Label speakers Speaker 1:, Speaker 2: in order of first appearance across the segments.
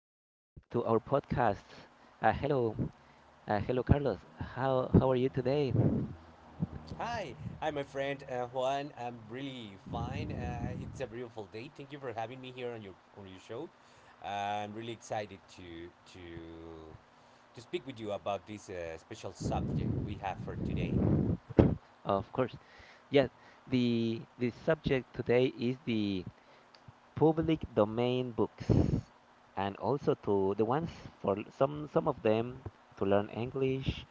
Speaker 1: to our podcast. Hello, hello, Carlos. How are you today? Of course. Yeah, the subject today is the public domain books, and also to the ones for some of them to learn English.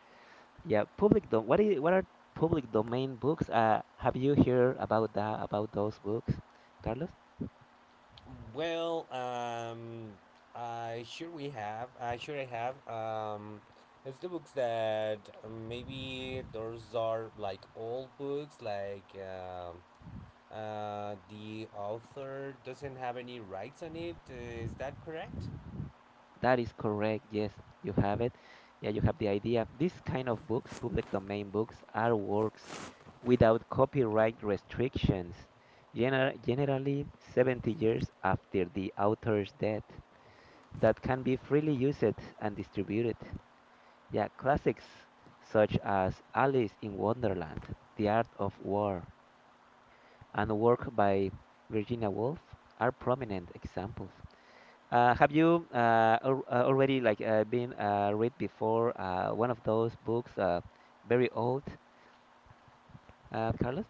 Speaker 1: Yeah, public dom. What are public domain books? Have you heard about that about those books, Carlos? That is correct. Yes, you have it. Yeah, you have the idea. These kind of books, public domain books, are works without copyright restrictions, generally 70 years after the author's death, that can be freely used and distributed. Yeah, classics such as Alice in Wonderland, The Art of War, and work by Virginia Woolf are prominent examples. Have you al already like been read before one of those books, very old, Carlos?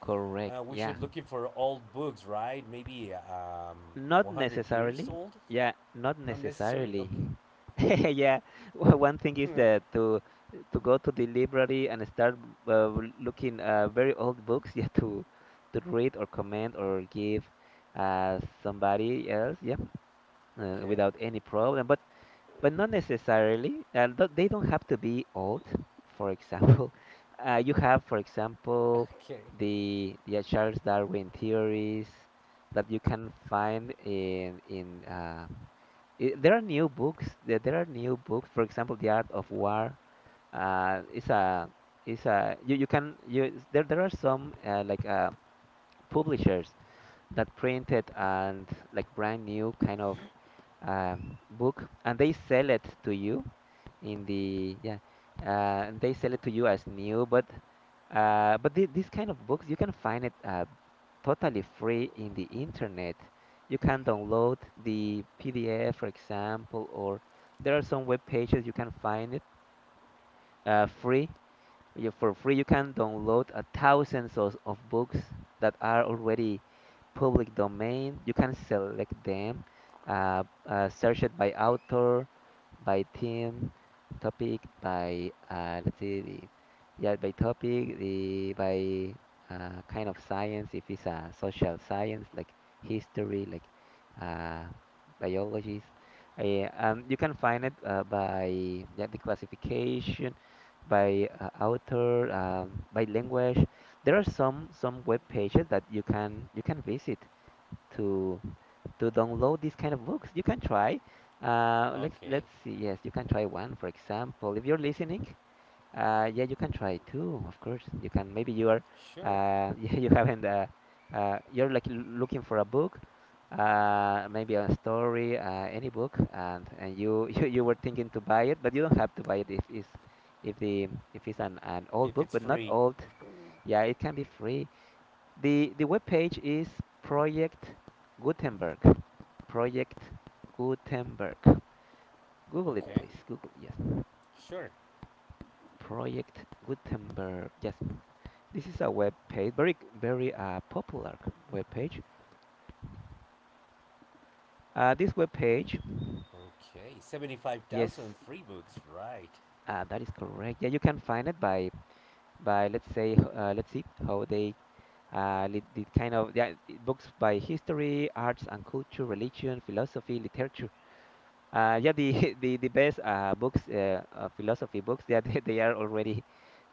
Speaker 1: Correct. Yeah. Not necessarily. Yeah, not necessarily. Yeah. One thing is that to go to the library and start looking very old books, yeah, to read or comment or give somebody else, yeah, without any problem. But not necessarily. They don't have to be old. For example, you have, for example, the Charles Darwin theories that you can find in. I there are new books. There are new books. For example, The Art of War. Uh, is a is a you, you can you there there are some publishers that printed and like brand new kind of book, and they sell it to you in the yeah, they sell it to you as new. But th these kind of books you can find it totally free in the internet. You can download the PDF, for example, or there are some web pages you can find it free. You, for free, you can download a thousands of books that are already public domain. You can select them, search it by author, by theme, topic, by let's see, the, yeah, by topic, the by kind of science. If it's a social science like history, like uh, biologies, you can find it by the classification by author, by language. There are some web pages that you can visit to to download these kind of books. You can try. Let's see. Yes, you can try one, for example. If you're listening, yeah, you can try too. Of course, you can. Maybe you are, yeah, you haven't. You're like looking for a book, maybe a story, any book, and you, you were thinking to buy it, but you don't have to buy it if the if it's an old book, but not old. Yeah, it can be free. The web page is Project Gutenberg. Project Gutenberg. Google it, please. Google, yes. Project Gutenberg. Yes. This is a web page, very popular web page. This web page, yes, that is correct. Yeah, you can find it by let's say let's see how they uh, the kind of books by history, arts and culture, religion, philosophy, literature. Yeah, the the best books, philosophy books, yeah, they are already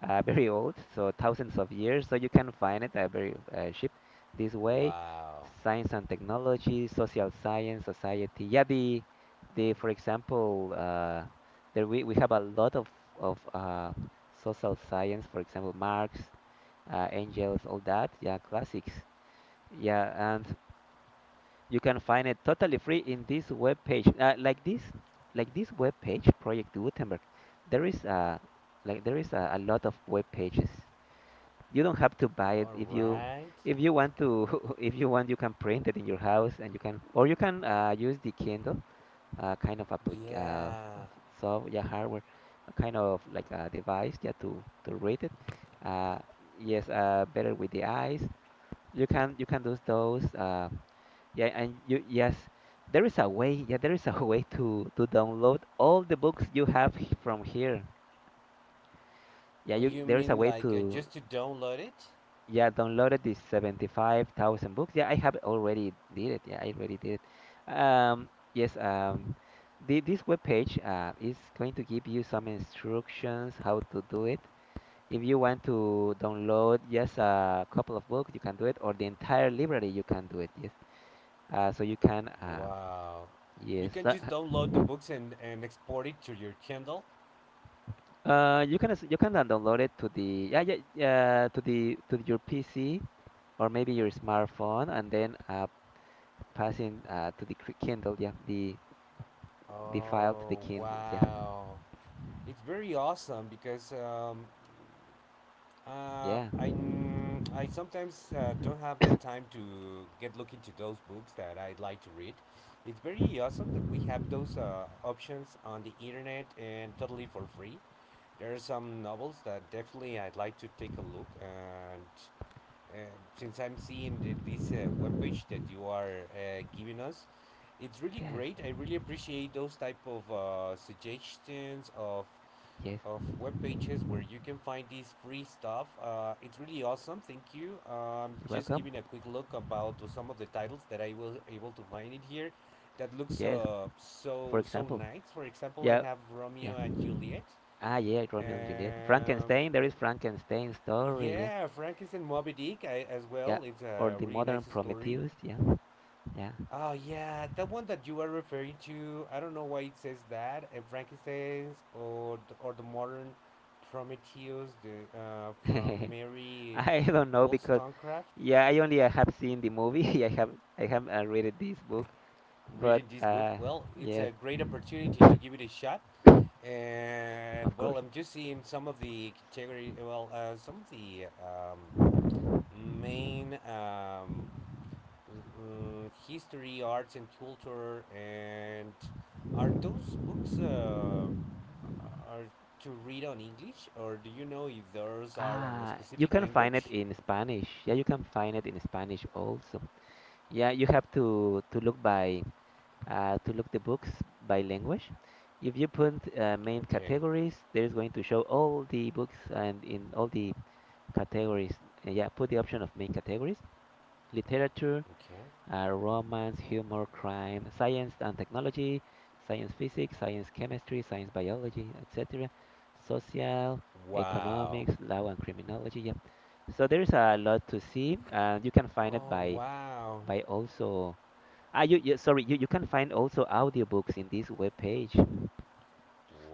Speaker 1: very old, so thousands of years. So you can find it very cheap this way. Science and technology, social science, society. Yeah, the for example, there we have a lot of of uh, social science. For example, Marx, Engels, all that. Yeah, classics. Yeah, and you can find it totally free in this web page. Like this web page, Project Gutenberg. There is a there is a lot of web pages. You don't have to buy it if you want to if you want you can print it in your house and you can or you can use the Kindle kind of applic of soft yeah hardware, a kind of like a device, yeah, to read it. Uh, yes, better with the eyes. You can do those. Yeah, and there is a way. Yeah, there is a way to download all the books from here. Yeah, you there is a way to yeah downloaded these 75,000 books. Yeah, I have already did it. Yeah, I already did it. Yes. This webpage is going to give you some instructions how to do it. If you want to download just a couple of books, you can do it, or the entire library, you can do it. Yes. So you can. Yes. uh, you can then download it to the to your PC or maybe your smartphone, and then passing to the Kindle, yeah, the file to the Kindle, yeah, yeah, yes, yes, you're welcome, yes, for example, yeah, yeah. Ah, yeah, Romeo and Juliet, Frankenstein, there is Frankenstein story, yeah, yeah, or the modern Prometheus, yeah, yeah. I don't know because yeah, I only have seen the movie. I have read this book, but yes, of course. Ah, you can find it in Spanish. Yeah, you can find it in Spanish also. Yeah, you have to look by to look the books by language. If you put main categories, there is going to show all the books and in all the categories. Yeah, put the option of main categories: literature are romance, humor, crime, science and technology, science physics, science chemistry, science biology, etc., social, economics, law and criminology. Yeah. So there is a lot to see, and you can find it by also ah you, you sorry, you can find also audiobooks in this web page.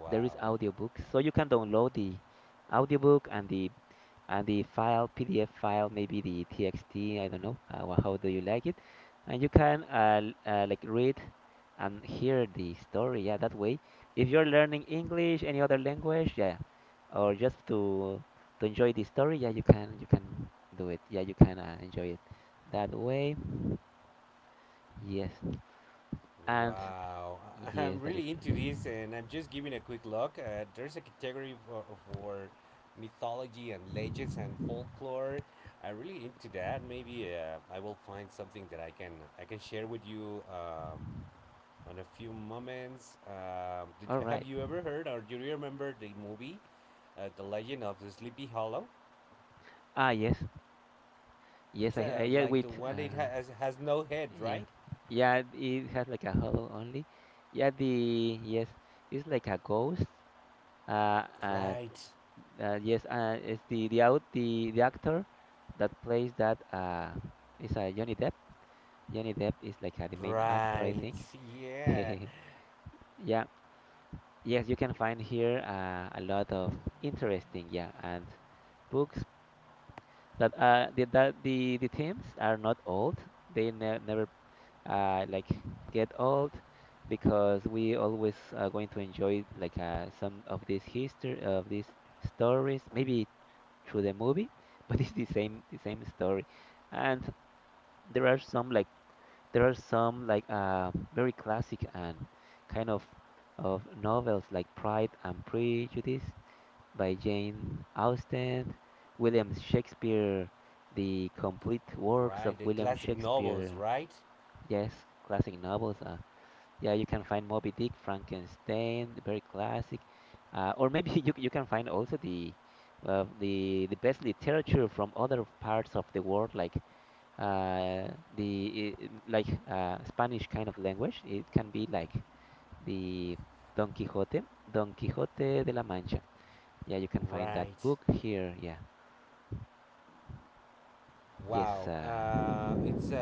Speaker 1: There is audiobooks, so you can download the audiobook and the file PDF file, maybe the TXT. I don't know. How do you like it? And you can like read and hear the story. Yeah, that way. If you're learning English, any other language, yeah, or just to enjoy the story, yeah, you can do it. Yeah, you can enjoy it that way. Yes, and yes, that is correct. All right. Ah, yes, yes. I yeah. Wait. Yeah. Yeah, it has like a hollow only. Yeah, the yes, it's like a ghost. Uh, uh, yes, it's the out the actor that plays that is Johnny Depp. Johnny Depp is like the main actor, I think. Yeah. Yes, you can find here a lot of interesting, yeah, and books that the that the themes are not old. They ne Never uh, like get old, because we always are going to enjoy like some of this history of these stories, maybe through the movie, but it's the same story. And there are some like there are some like very classic and kind of novels like Pride and Prejudice by Jane Austen, William Shakespeare, the complete works of William Shakespeare. Yes, classic novels. Yeah, you can find Moby Dick, Frankenstein, very classic, or maybe you can find also the the best literature from other parts of the world, like uh, Spanish kind of language. It can be like the Don Quixote, Don Quixote de la Mancha. Yeah, you can find that book here. Yeah, yes, mm.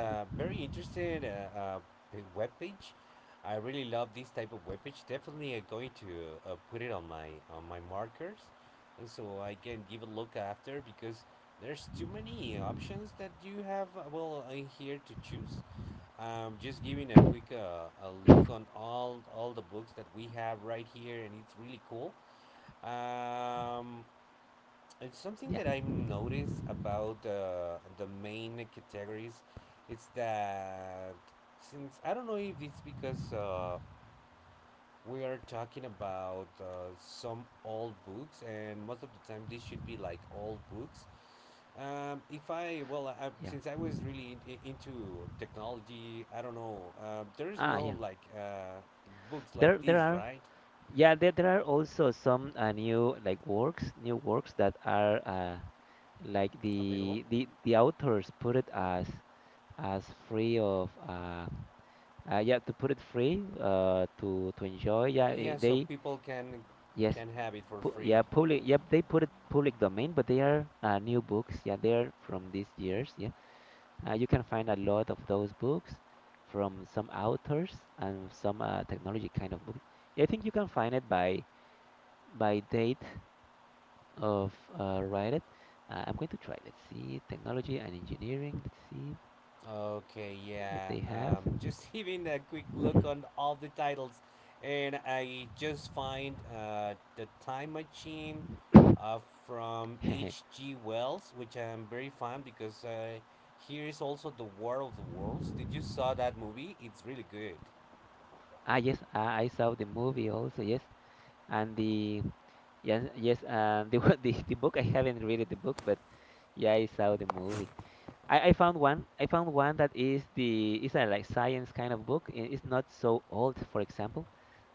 Speaker 1: yeah, yeah. Ah, yeah. There are Yeah, there are also some new like works, new works that are like the authors put it as free of yeah, to put it free to enjoy, yeah, they yes pu yeah public yep, they put it public domain, but they are new books, yeah, they're from these years, yeah. You can find a lot of those books from some authors and some technology kind of book. Yeah, I think you can find it by date of write it. I'm going to try. Let's see, technology and engineering. Let's see if they have. Mhm. Ah, yes, I saw the movie also. Yes, and the yes, yes, and the the book. I haven't read the book, but yeah, I saw the movie. I found one. I found one that is a like science kind of book. It's not so old. For example,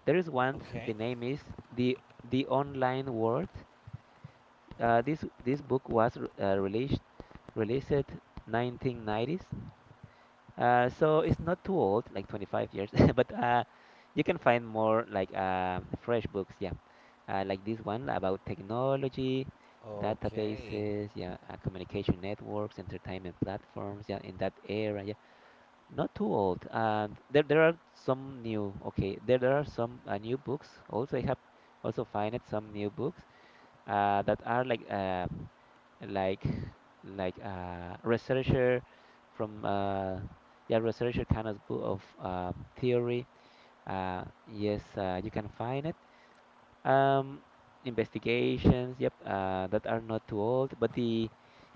Speaker 1: there is one. The name is the the online world. This book was released released 1990s, so it's not too old, like 25 years. But you can find more like fresh books, yeah, like this one about technology, databases, yeah, communication networks, entertainment platforms, yeah, in that era, yeah, not too old. And there are some new, okay, there are some new books. Also, I have also find some new books that are like like researcher from yeah researcher kind of book of theory. Yes, you can find it. Um, investigations, yep, that are not too old, but the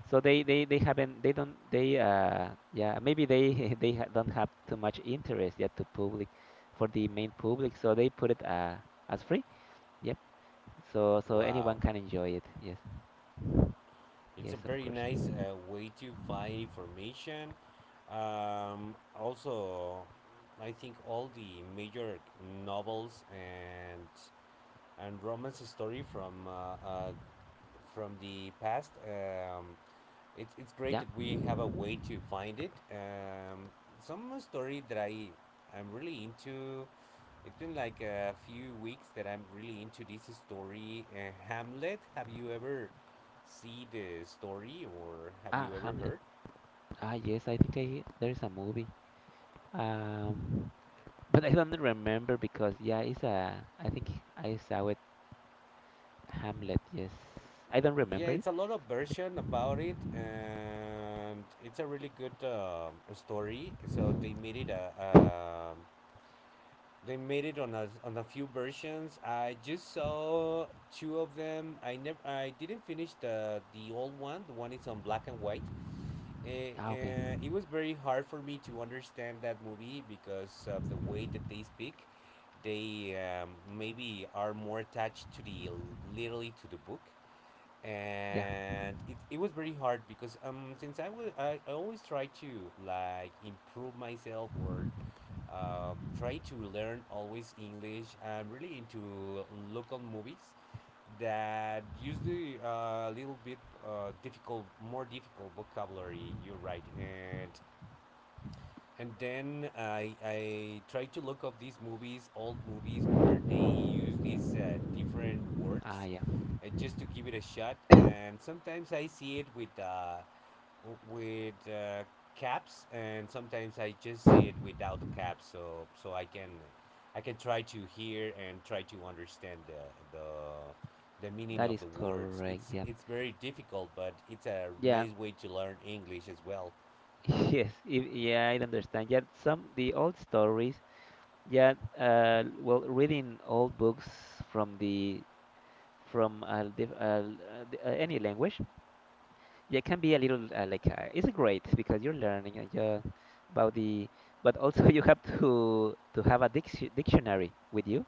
Speaker 1: so they haven't they don't they yeah maybe they they ha- don't have too much interest yet to public for the main public, so they put it as free. Yep, so anyone can enjoy it. Yes. Yes, of course. Yeah. Ah, Hamlet. Ah, yes, I think I there is a movie. Um, but I don't remember because yeah, it's a. I think I saw it. Hamlet. Yes, I don't remember it. Yep. Ah, okay. Yeah. Ah, yeah. That is correct. Yeah. Yeah. Yes. If, yeah, I understand. Yeah, some the old stories. Yeah. Well, reading old books from the from diff- the- any language. Yeah, it can be a little it's great because you're learning and yeah, about but also you have to have a dictionary with you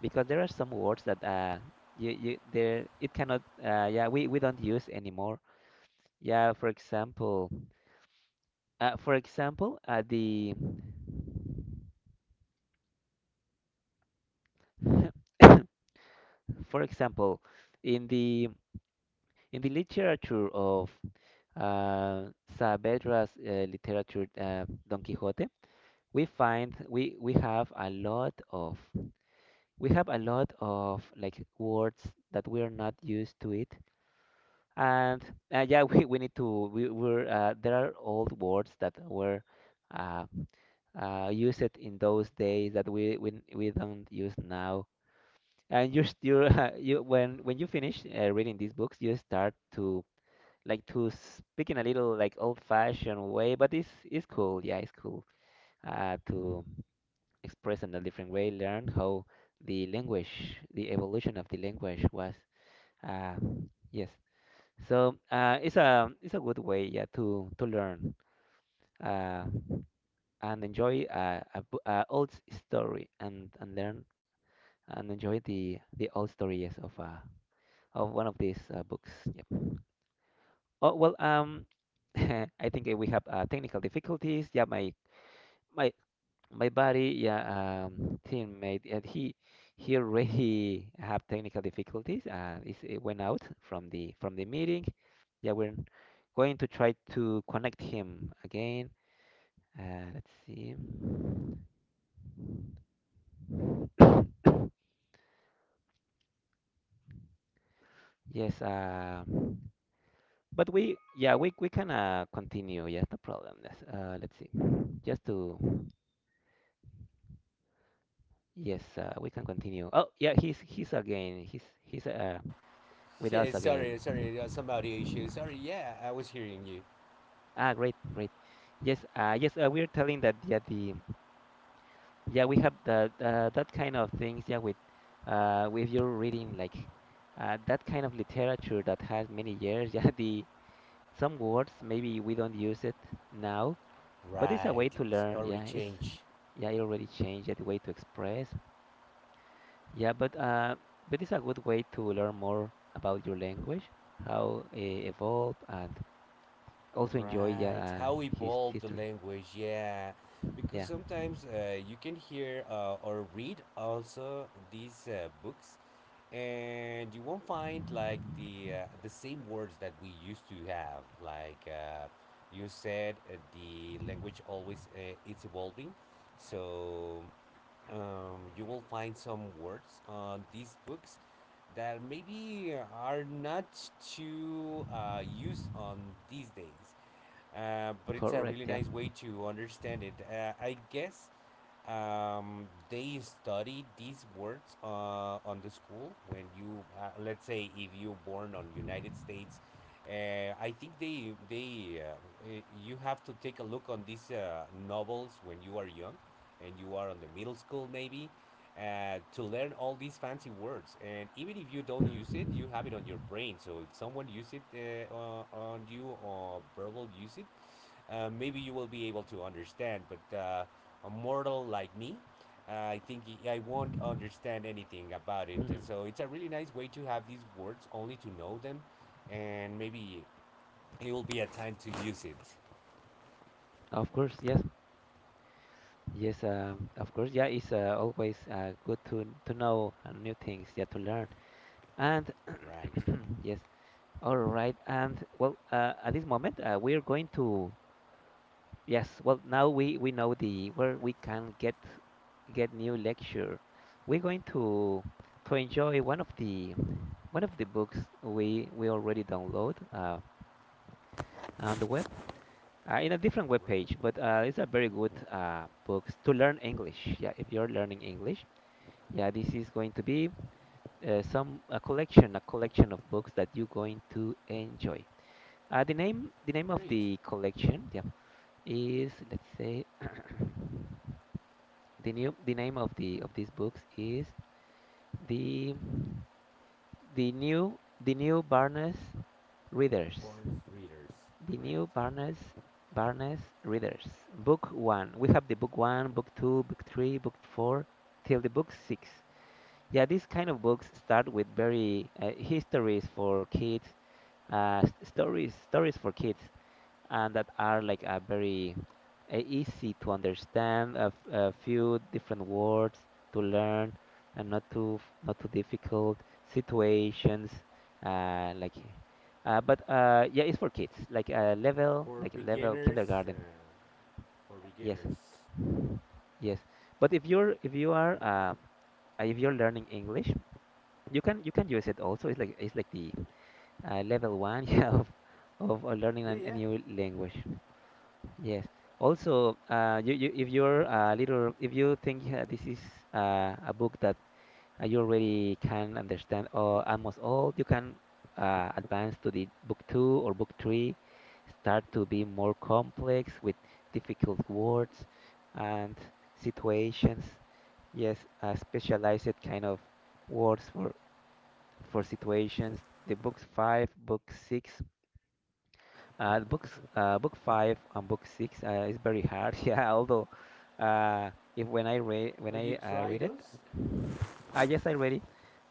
Speaker 1: because there are some words that you you there it cannot yeah we don't use anymore. Yeah, for example the for example in the in the literature of uh Saavedra's literature, Don Quixote. We find we have a lot of like words that we are not used to it and yeah we need to we were there are old words that were uh, used in those days that we don't use now, and you're still you when you finish reading these books you start to like to speak in a little like old fashioned way, but it's cool, yeah, it's cool to expressed in a different way, learned how the evolution of the language was. Uh, yes, so it's a good way, yeah, to learn uh, and enjoy a old story and learn and enjoy the old stories of one of these books. Yep. Oh well, I think we have technical difficulties. Yeah, my my buddy, yeah, teammate, and he already have technical difficulties. Is it went out from the meeting. Yeah, we're going to try to connect him again. Let's see. Yes. But we yeah we can continue. Yes, no problem. Yes. Let's see. Just to yes, we can continue. Oh yeah, he's again.
Speaker 2: Yeah,
Speaker 1: He's with us
Speaker 2: yeah,
Speaker 1: again.
Speaker 2: sorry, sorry, there was some audio issue. Sorry, yeah, I was hearing you.
Speaker 1: Ah, great, great. Yes, yes, we're telling that yeah, the yeah we have the that kind of things, yeah, with your reading, like that kind of literature that has many years, yeah, the some words maybe we don't use it now, but it's a
Speaker 2: Right,
Speaker 1: way to
Speaker 2: it's
Speaker 1: learn,
Speaker 2: already
Speaker 1: yeah, it's
Speaker 2: changed.
Speaker 1: yeah it already changed, yeah, the way to express yeah, but it's a good way to learn more about your language, how it evolve, and also enjoy yeah
Speaker 2: Right, how
Speaker 1: his
Speaker 2: evolved the
Speaker 1: history
Speaker 2: language, yeah. Because
Speaker 1: yeah
Speaker 2: sometimes you can hear or read also these books, and you won't find like the same words that we used to have. Like you said, the language always it's evolving, so you will find some words on these books that maybe are not too used on these days. But it's a
Speaker 1: correct
Speaker 2: really
Speaker 1: yeah.
Speaker 2: nice way to understand it. I guess they study these words on the school when you, let's say, if you born on United States. I think they you have to take a look on these novels when you are young, and you are on the middle school maybe, to learn all these fancy words. And even if you don't use it, you
Speaker 1: Mhm,
Speaker 2: have it on your brain. So if someone use it on you or verbal use it, maybe you will be able to understand. But a mortal like me, I think won't understand anything about it. Uh,
Speaker 1: mhm.
Speaker 2: So it's a really nice way to have these words only to know them, and maybe it will be a time to use it.
Speaker 1: Of course, yes, yes, of course, yeah. It's always good to know new things, yeah, to learn. And
Speaker 2: Right.
Speaker 1: yes, all right. And well, at this moment, we are going to yes. Well, now we know the where we can get new lecture. We're going to enjoy one of the books we already download on the web, in a different web page,
Speaker 2: Right.
Speaker 1: but it's a very good books to learn English. Yeah, if you're learning English, yeah, this is going to be some a collection of books that you're going to enjoy. The name of
Speaker 2: Great.
Speaker 1: the collection, yeah, is let's say the name of the of these books is the the new Barnes Readers.
Speaker 2: Born readers.
Speaker 1: The
Speaker 2: Correct.
Speaker 1: New Barnes Readers. Book one. We have the book one, book two, book three, book four, till the book six. Yeah, these kind of books start with very histories for kids, stories for kids, and that are like a very easy to understand, a few different words to learn, and not too not too difficult situations. Uh, like, but yeah, it's for kids, like a level,
Speaker 2: For
Speaker 1: like level
Speaker 2: beginners.
Speaker 1: kindergarten.
Speaker 2: For
Speaker 1: Yes,
Speaker 2: beginners.
Speaker 1: yes. But if you are if you're learning English, you can use it also. It's like the level one, yeah, of learning
Speaker 2: Yeah,
Speaker 1: a
Speaker 2: yeah.
Speaker 1: new language. Yes. Also, you if you're a little, if you think this is a book that you already can understand or almost all, you can advance to the book two or book three, start to be more complex with difficult words and situations. Yes, specialized kind of words for situations. The books five, book six book five and book six is very hard. Yeah, although uh, if when I read when
Speaker 2: Oh, you
Speaker 1: I
Speaker 2: try
Speaker 1: read it,
Speaker 2: those?
Speaker 1: I yes, I read it.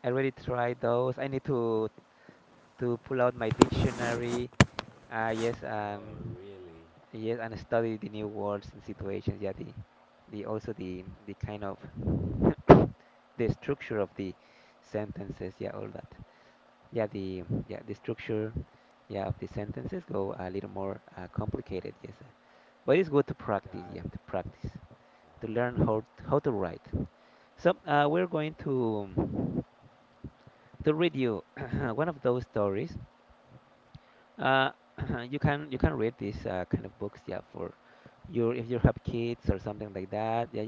Speaker 1: I already tried those. I need to pull out my dictionary. Yes,
Speaker 2: Oh,
Speaker 1: and
Speaker 2: really?
Speaker 1: yes, and study the new words and situations. Yeah, the kind of the structure of the sentences. Yeah, all that. Yeah the structure. Yeah, of the sentences go a little more complicated. Yes. But it's good to practice.
Speaker 2: Got
Speaker 1: You
Speaker 2: it.
Speaker 1: have to practice to
Speaker 2: All right.
Speaker 1: learn how to write. So we're going to read you one of those stories, uh, you can read these kind of books, yeah, for your if you have kids or something like that, yeah,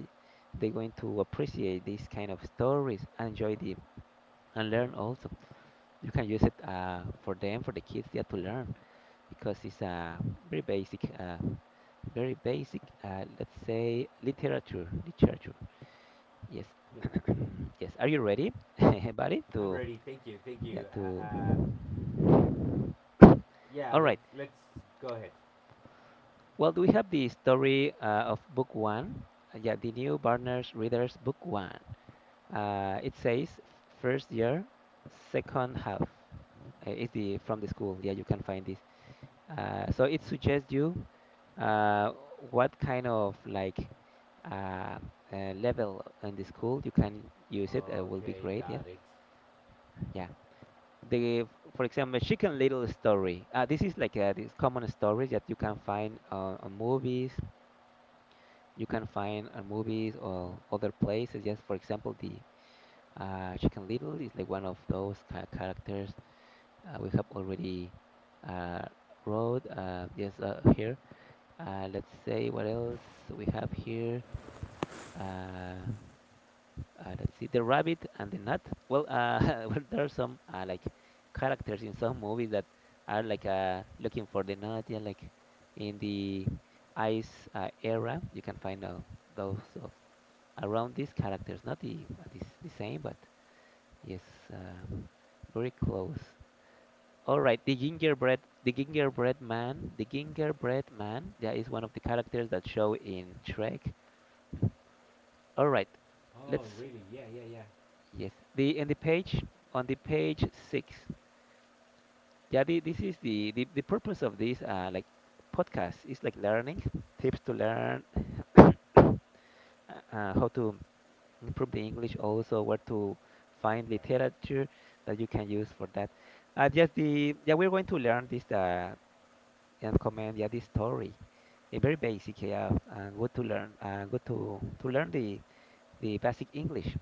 Speaker 1: they're going to appreciate these kind of stories and enjoy them and learn also. You can use it for them for the kids, yeah, to learn, because it's a very basic uh, very basic let's say literature literature. Yes.
Speaker 2: Hmm.
Speaker 1: Yes. Are you ready, everybody?
Speaker 2: I'm
Speaker 1: To
Speaker 2: ready. Thank you. Thank
Speaker 1: yeah,
Speaker 2: you. Uh,
Speaker 1: to.
Speaker 2: uh, yeah,
Speaker 1: All
Speaker 2: let's
Speaker 1: right.
Speaker 2: let's go ahead.
Speaker 1: Well, do we have the story of book one? Yeah, the new Barnes Readers book one. It says first year, second half. It's the from the school. Yeah, you can find this. So it suggests you uh, what kind of like uh, level in the school you can use it. Will be
Speaker 2: Okay,
Speaker 1: great. Yeah,
Speaker 2: got it.
Speaker 1: yeah. The for example Chicken Little story. This is like this common stories that you can find on movies. You can find on movies or other places. Yes, for example, the Chicken Little is like one of those ca characters we have already uh, wrote. Yes, here. Let's say what else we have here. Uh, let's see, the rabbit and the nut. Well, well, there are some like characters in some movies that are like looking for the nut. Yeah, like in the ice era, you can find those of around these characters. Not the this the same, but yes, uh, very close. All right, the gingerbread man, That is one of the characters that show in Shrek. Mhm. All right,
Speaker 2: Oh,
Speaker 1: let's
Speaker 2: really? Yeah, yeah, yeah.
Speaker 1: yes, the in the page on the page six. Yeah, this is the purpose of this like podcast is like learning tips to learn uh, how to improve the English, also where to find
Speaker 2: Right.
Speaker 1: literature that you can use for that. Just the yeah, we're going to learn this and comment, yeah, this story, a very basic, yeah, and good to learn good to learn the basic English.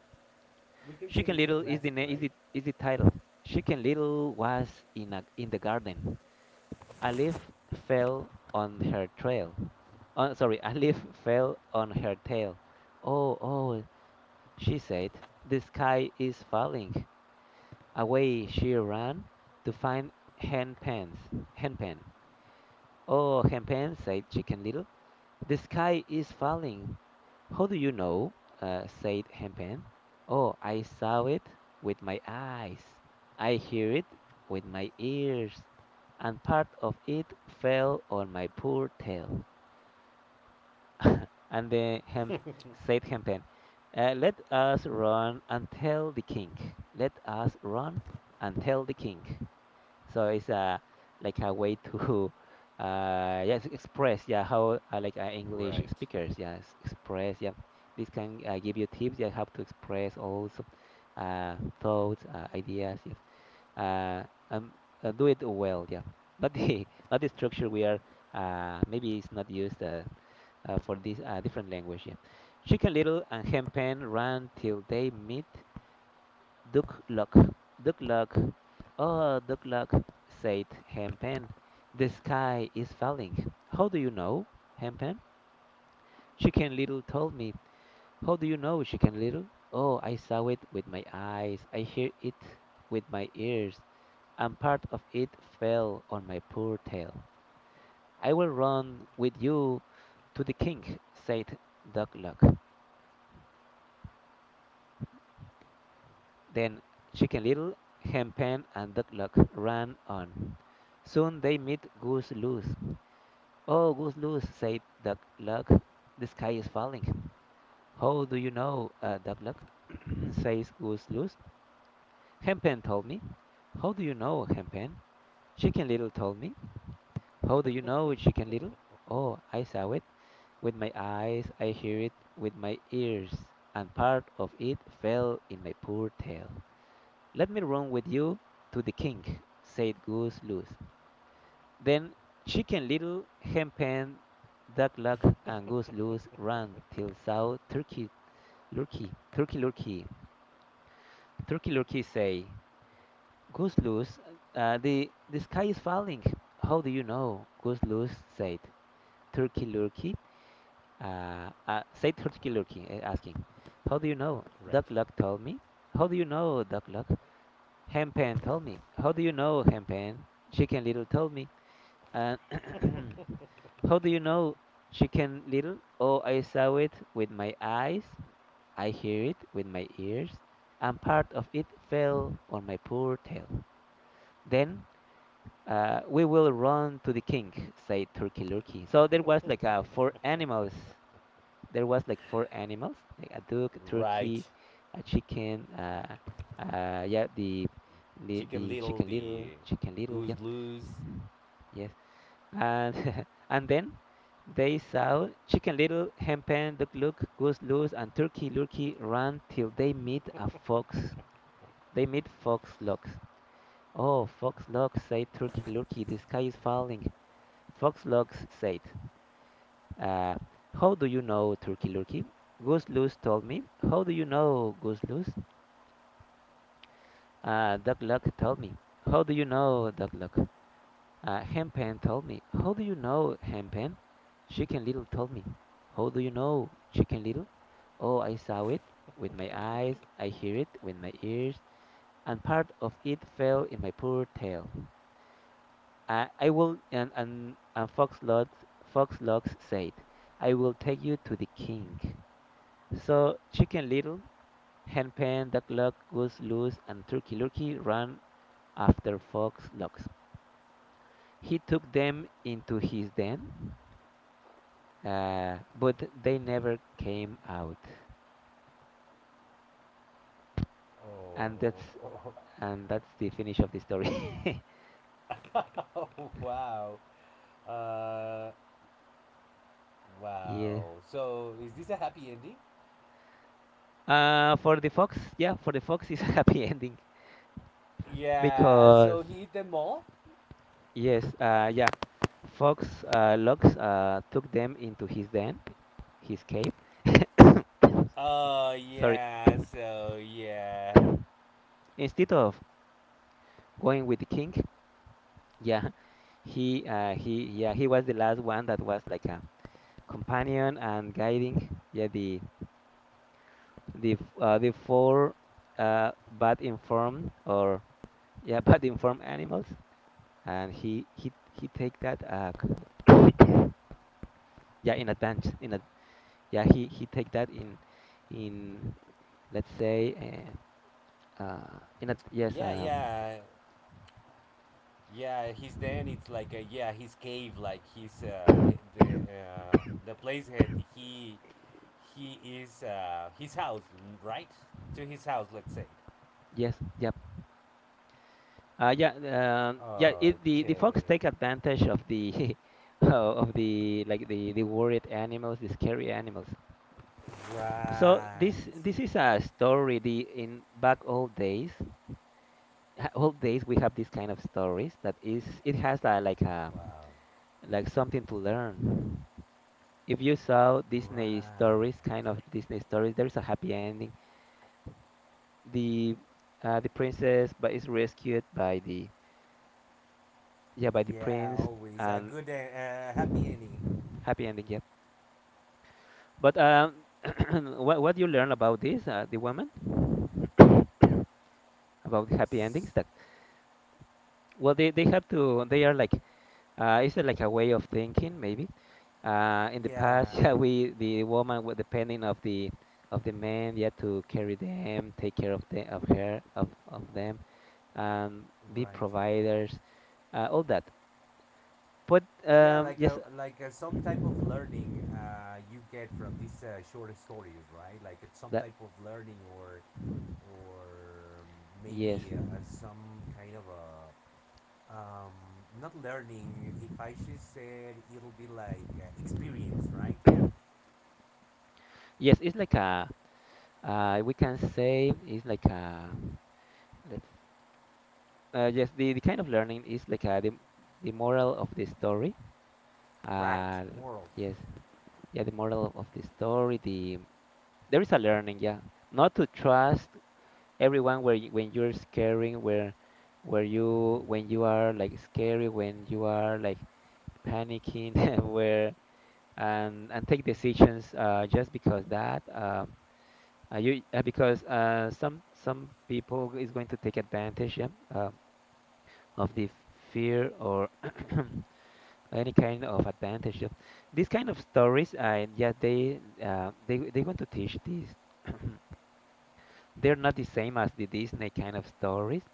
Speaker 2: We can say
Speaker 1: Chicken
Speaker 2: it's a
Speaker 1: Little is the
Speaker 2: classic,
Speaker 1: na-
Speaker 2: right?
Speaker 1: is the title. Chicken Little was in the garden. A leaf fell on her trail. Oh, sorry, a leaf fell on her tail. Oh, oh, she said, the sky is falling. Away she ran to find Hen Pen's. Hen Pen. Oh, Hen Pen, said Chicken Little. The sky is falling. How do you know? Said Hempen. Oh, I saw it with my eyes. I hear it with my ears. And part of it fell on my poor tail. and then Hem said Hempen, let us run and tell the king. Let us run and tell the king. So it's like a way to yes express, yeah, how like English
Speaker 2: Right.
Speaker 1: speakers yes express, yeah, this can give you tips, yeah, how to express also thoughts ideas, yes, uh, um do it well, yeah, not the not the structure we are, maybe it's not used for this different language, yeah. Chicken Little and Hen Pen ran till they meet Duck Luck. Duck Luck. Oh, the clock, said Hempen. The sky is falling. How do you know, Hempen? Chicken Little told me. How do you know, Chicken Little? Oh, I saw it with my eyes. I hear it with my ears. And part of it fell on my poor tail. I will run with you to the king, said duck luck. Then Chicken Little, Hempen, and duck luck ran on. Soon they met Goose Loose. Oh, goose loose! Said Duck Luck. The sky is falling. How do you know, Duck Luck? says Goose Loose. Hempen told me. How do you know, Hempen? Chicken Little told me. How do you know, Chicken Little? Oh, I saw it. With my eyes, I hear it with my ears, and part of it fell in my poor tail. Let me run with you to the king, said Goose Loose. Then Chicken Little, Hen Pen, Duck Luck, and Goose Loose ran till saw Turkey Lurkey, Turkey Lurkey, Turkey Lurkey say, Goose Loose, the sky is falling. How do you know? Goose Loose said, Turkey Lurkey, said Turkey Lurkey, asking, how do you know?
Speaker 2: Right.
Speaker 1: Duck Luck told me. How do you know, Duck Luck? Hen Pen told me. How do you know, Hen Pen? Chicken Little told me. And how do you know, chicken little? Oh, I saw it with my eyes, I hear it with my ears, and part of it fell on my poor tail. Then we will run to the king, said Turkey Lurkey. So there was like four animals. There was like four animals, like a duck, a
Speaker 2: Right.
Speaker 1: turkey, a chicken, yeah, the
Speaker 2: Chicken Little,
Speaker 1: chicken little,
Speaker 2: the
Speaker 1: yeah,
Speaker 2: Goose Loose.
Speaker 1: yes. And and then they saw Chicken Little, Hen Pen, Duck Luke, Goose Loose, and Turkey Lurkey ran till they meet a fox. They meet Fox Locks. Oh, Fox Locks, said Turkey Lurkey, the sky is falling. Fox Locks said, uh, how do you know, Turkey Lurkey? Goose Loose told me. How do you know, Goose Loose? Duck Luck told me. How do you know, Duck Luck? Hempen told me. How do you know, Hempen? Chicken Little told me. How do you know, Chicken Little? Oh, I saw it with my eyes, I hear it with my ears, and part of it fell in my poor tail. I will, and Fox Logs, Fox Logs said, I will take you to the king. So Chicken Little, Henpen, Duck Luck, Goose Loose, and Turkey Lurkey ran after Fox Logs. He took them into his den but they never came out, and that's
Speaker 2: Oh,
Speaker 1: and that's the finish of the story.
Speaker 2: oh, oh wow. Uh,
Speaker 1: Yeah.
Speaker 2: Wow. So is this a happy ending?
Speaker 1: For the fox, yeah, for the fox is a happy ending
Speaker 2: Yeah.
Speaker 1: because
Speaker 2: So he eat them all.
Speaker 1: yes, yeah, fox Lux took them into his den, his cave. Sorry.
Speaker 2: Yeah. So yeah,
Speaker 1: Instead of going with the king, yeah, he yeah he was the last one that was like a companion and guiding, yeah, the the four bad informed or yeah bad informed animals and he take that yeah in advance yeah he take that in, let's say, in a, yes,
Speaker 2: yeah, yeah, yeah. He's then it's like a, yeah, his cave, like his the place that he is his house, mm, right? To his house, let's say.
Speaker 1: yes, yep. Yeah it, the
Speaker 2: Okay.
Speaker 1: fox take advantage of the of the, like, the worried animals, the scary animals, so
Speaker 2: Right.
Speaker 1: this is a story, the in back old days, ha- all days we have this kind of stories that is it has a, like a,
Speaker 2: Wow.
Speaker 1: like something to learn. If you saw Disney
Speaker 2: Right.
Speaker 1: stories, kind of Disney stories, there is a happy ending. The the princess but is rescued by the, yeah, by the
Speaker 2: Yeah,
Speaker 1: prince,
Speaker 2: always a
Speaker 1: and
Speaker 2: good and happy ending.
Speaker 1: happy ending. Yep. But what do you learn about this, the woman, about the happy endings that, well, they have to, they are like, is it like a way of thinking maybe. In the past,
Speaker 2: Yeah,
Speaker 1: yeah, we the woman was depending of the man, yeah, to carry them, take care of the of her of them, and be
Speaker 2: right.
Speaker 1: providers, all that. But
Speaker 2: Yeah,
Speaker 1: yes,
Speaker 2: like a, some type of learning you get from these short stories, right? Like it's some
Speaker 1: that
Speaker 2: type of learning or
Speaker 1: yes,
Speaker 2: maybe some kind of a um, not learning. If I should say it, it'll be like experience, right?
Speaker 1: yes, it's like a we can say it's like a, let's yes, the kind of learning is like a, the moral of the story.
Speaker 2: Right,
Speaker 1: Uh,
Speaker 2: moral.
Speaker 1: yes, yeah, the moral of the story. The there is a learning, yeah, not to trust everyone where you, when you're scaring, where you when you are like scary, when you are like panicking where, and take decisions just because that you because some people is going to take advantage, yeah, um, of the fear or any kind of advantage, yeah. These kind of stories yeah they want to teach this. They're not the same as the Disney kind of stories.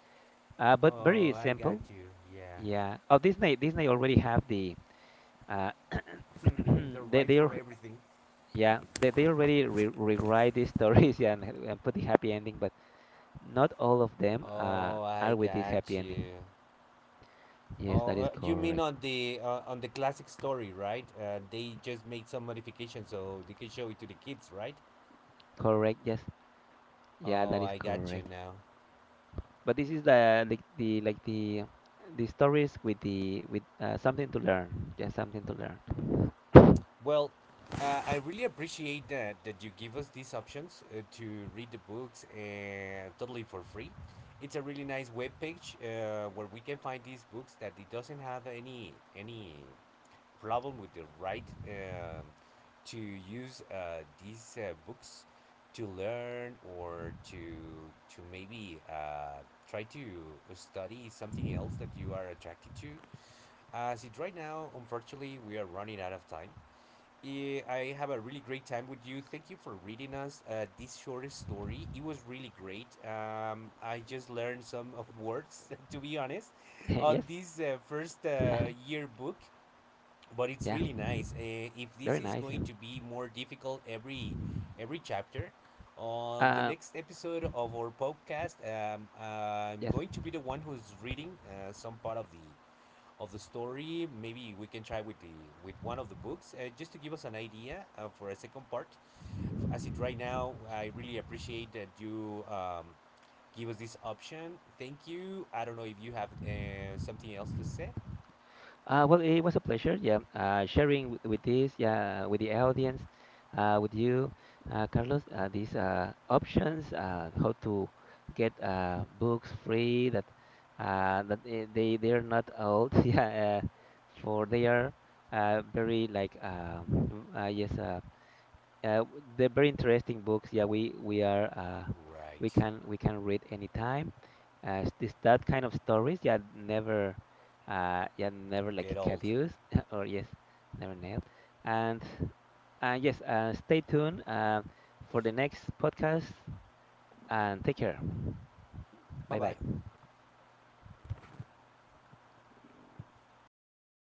Speaker 1: But
Speaker 2: Oh,
Speaker 1: very
Speaker 2: I got
Speaker 1: simple.
Speaker 2: you. Yeah,
Speaker 1: Yeah. Oh, Disney Disney already have the uh,
Speaker 2: the right
Speaker 1: they are,
Speaker 2: for everything.
Speaker 1: yeah, they already re rewrite these stories, yeah, and put the happy ending, but not all of them
Speaker 2: Oh,
Speaker 1: are
Speaker 2: I
Speaker 1: with this
Speaker 2: got
Speaker 1: happy ending.
Speaker 2: you.
Speaker 1: Yes, that
Speaker 2: Oh,
Speaker 1: is
Speaker 2: you mean
Speaker 1: correct.
Speaker 2: on the on the classic story, right? They just made some modifications so they can show it to the kids, right?
Speaker 1: Correct. Yes. Yeah, that
Speaker 2: Oh,
Speaker 1: is
Speaker 2: I got you
Speaker 1: correct.
Speaker 2: now.
Speaker 1: But this is the like the like the stories with the with something to learn. Yeah, something to learn.
Speaker 2: Well, I really appreciate that you give us these options to read the books totally for free. It's a really nice web page where we can find these books that it doesn't have any problem with the right to use these books to learn or to maybe try to study something else that you are attracted to. As it right now, unfortunately, we are running out of time. Eh, I have a really great time with you. Thank you for reading us this short story. It was really great. I just learned some of words, to be honest, on
Speaker 1: Yes.
Speaker 2: this first year book but it's
Speaker 1: Yeah.
Speaker 2: really nice. If this
Speaker 1: Very
Speaker 2: is
Speaker 1: nice. Yeah.
Speaker 2: going to be more difficult every chapter, on the
Speaker 1: Uh,
Speaker 2: next episode of our podcast, I'm
Speaker 1: yes.
Speaker 2: going to be the one who's reading some part of the story. Maybe we can try with one of the books just to give us an idea for a second part. As it right now, I really appreciate that you give us this option. Thank you. I don't know if you have something else to say.
Speaker 1: Well, it was a pleasure, yeah, sharing with this, yeah, with the audience, with you, Carlos, these options, how to get books free that that they are not old, yeah, for they are very like yes, uh, they're very interesting books. Yeah, we are we
Speaker 2: Right.
Speaker 1: can read anytime. This that kind of stories. Yeah, never. Yeah, never like
Speaker 2: Get old.
Speaker 1: caduce or yes, never nailed. And yes, stay tuned for the next podcast and take care.
Speaker 2: Bye
Speaker 1: Bye
Speaker 2: bye.
Speaker 1: bye.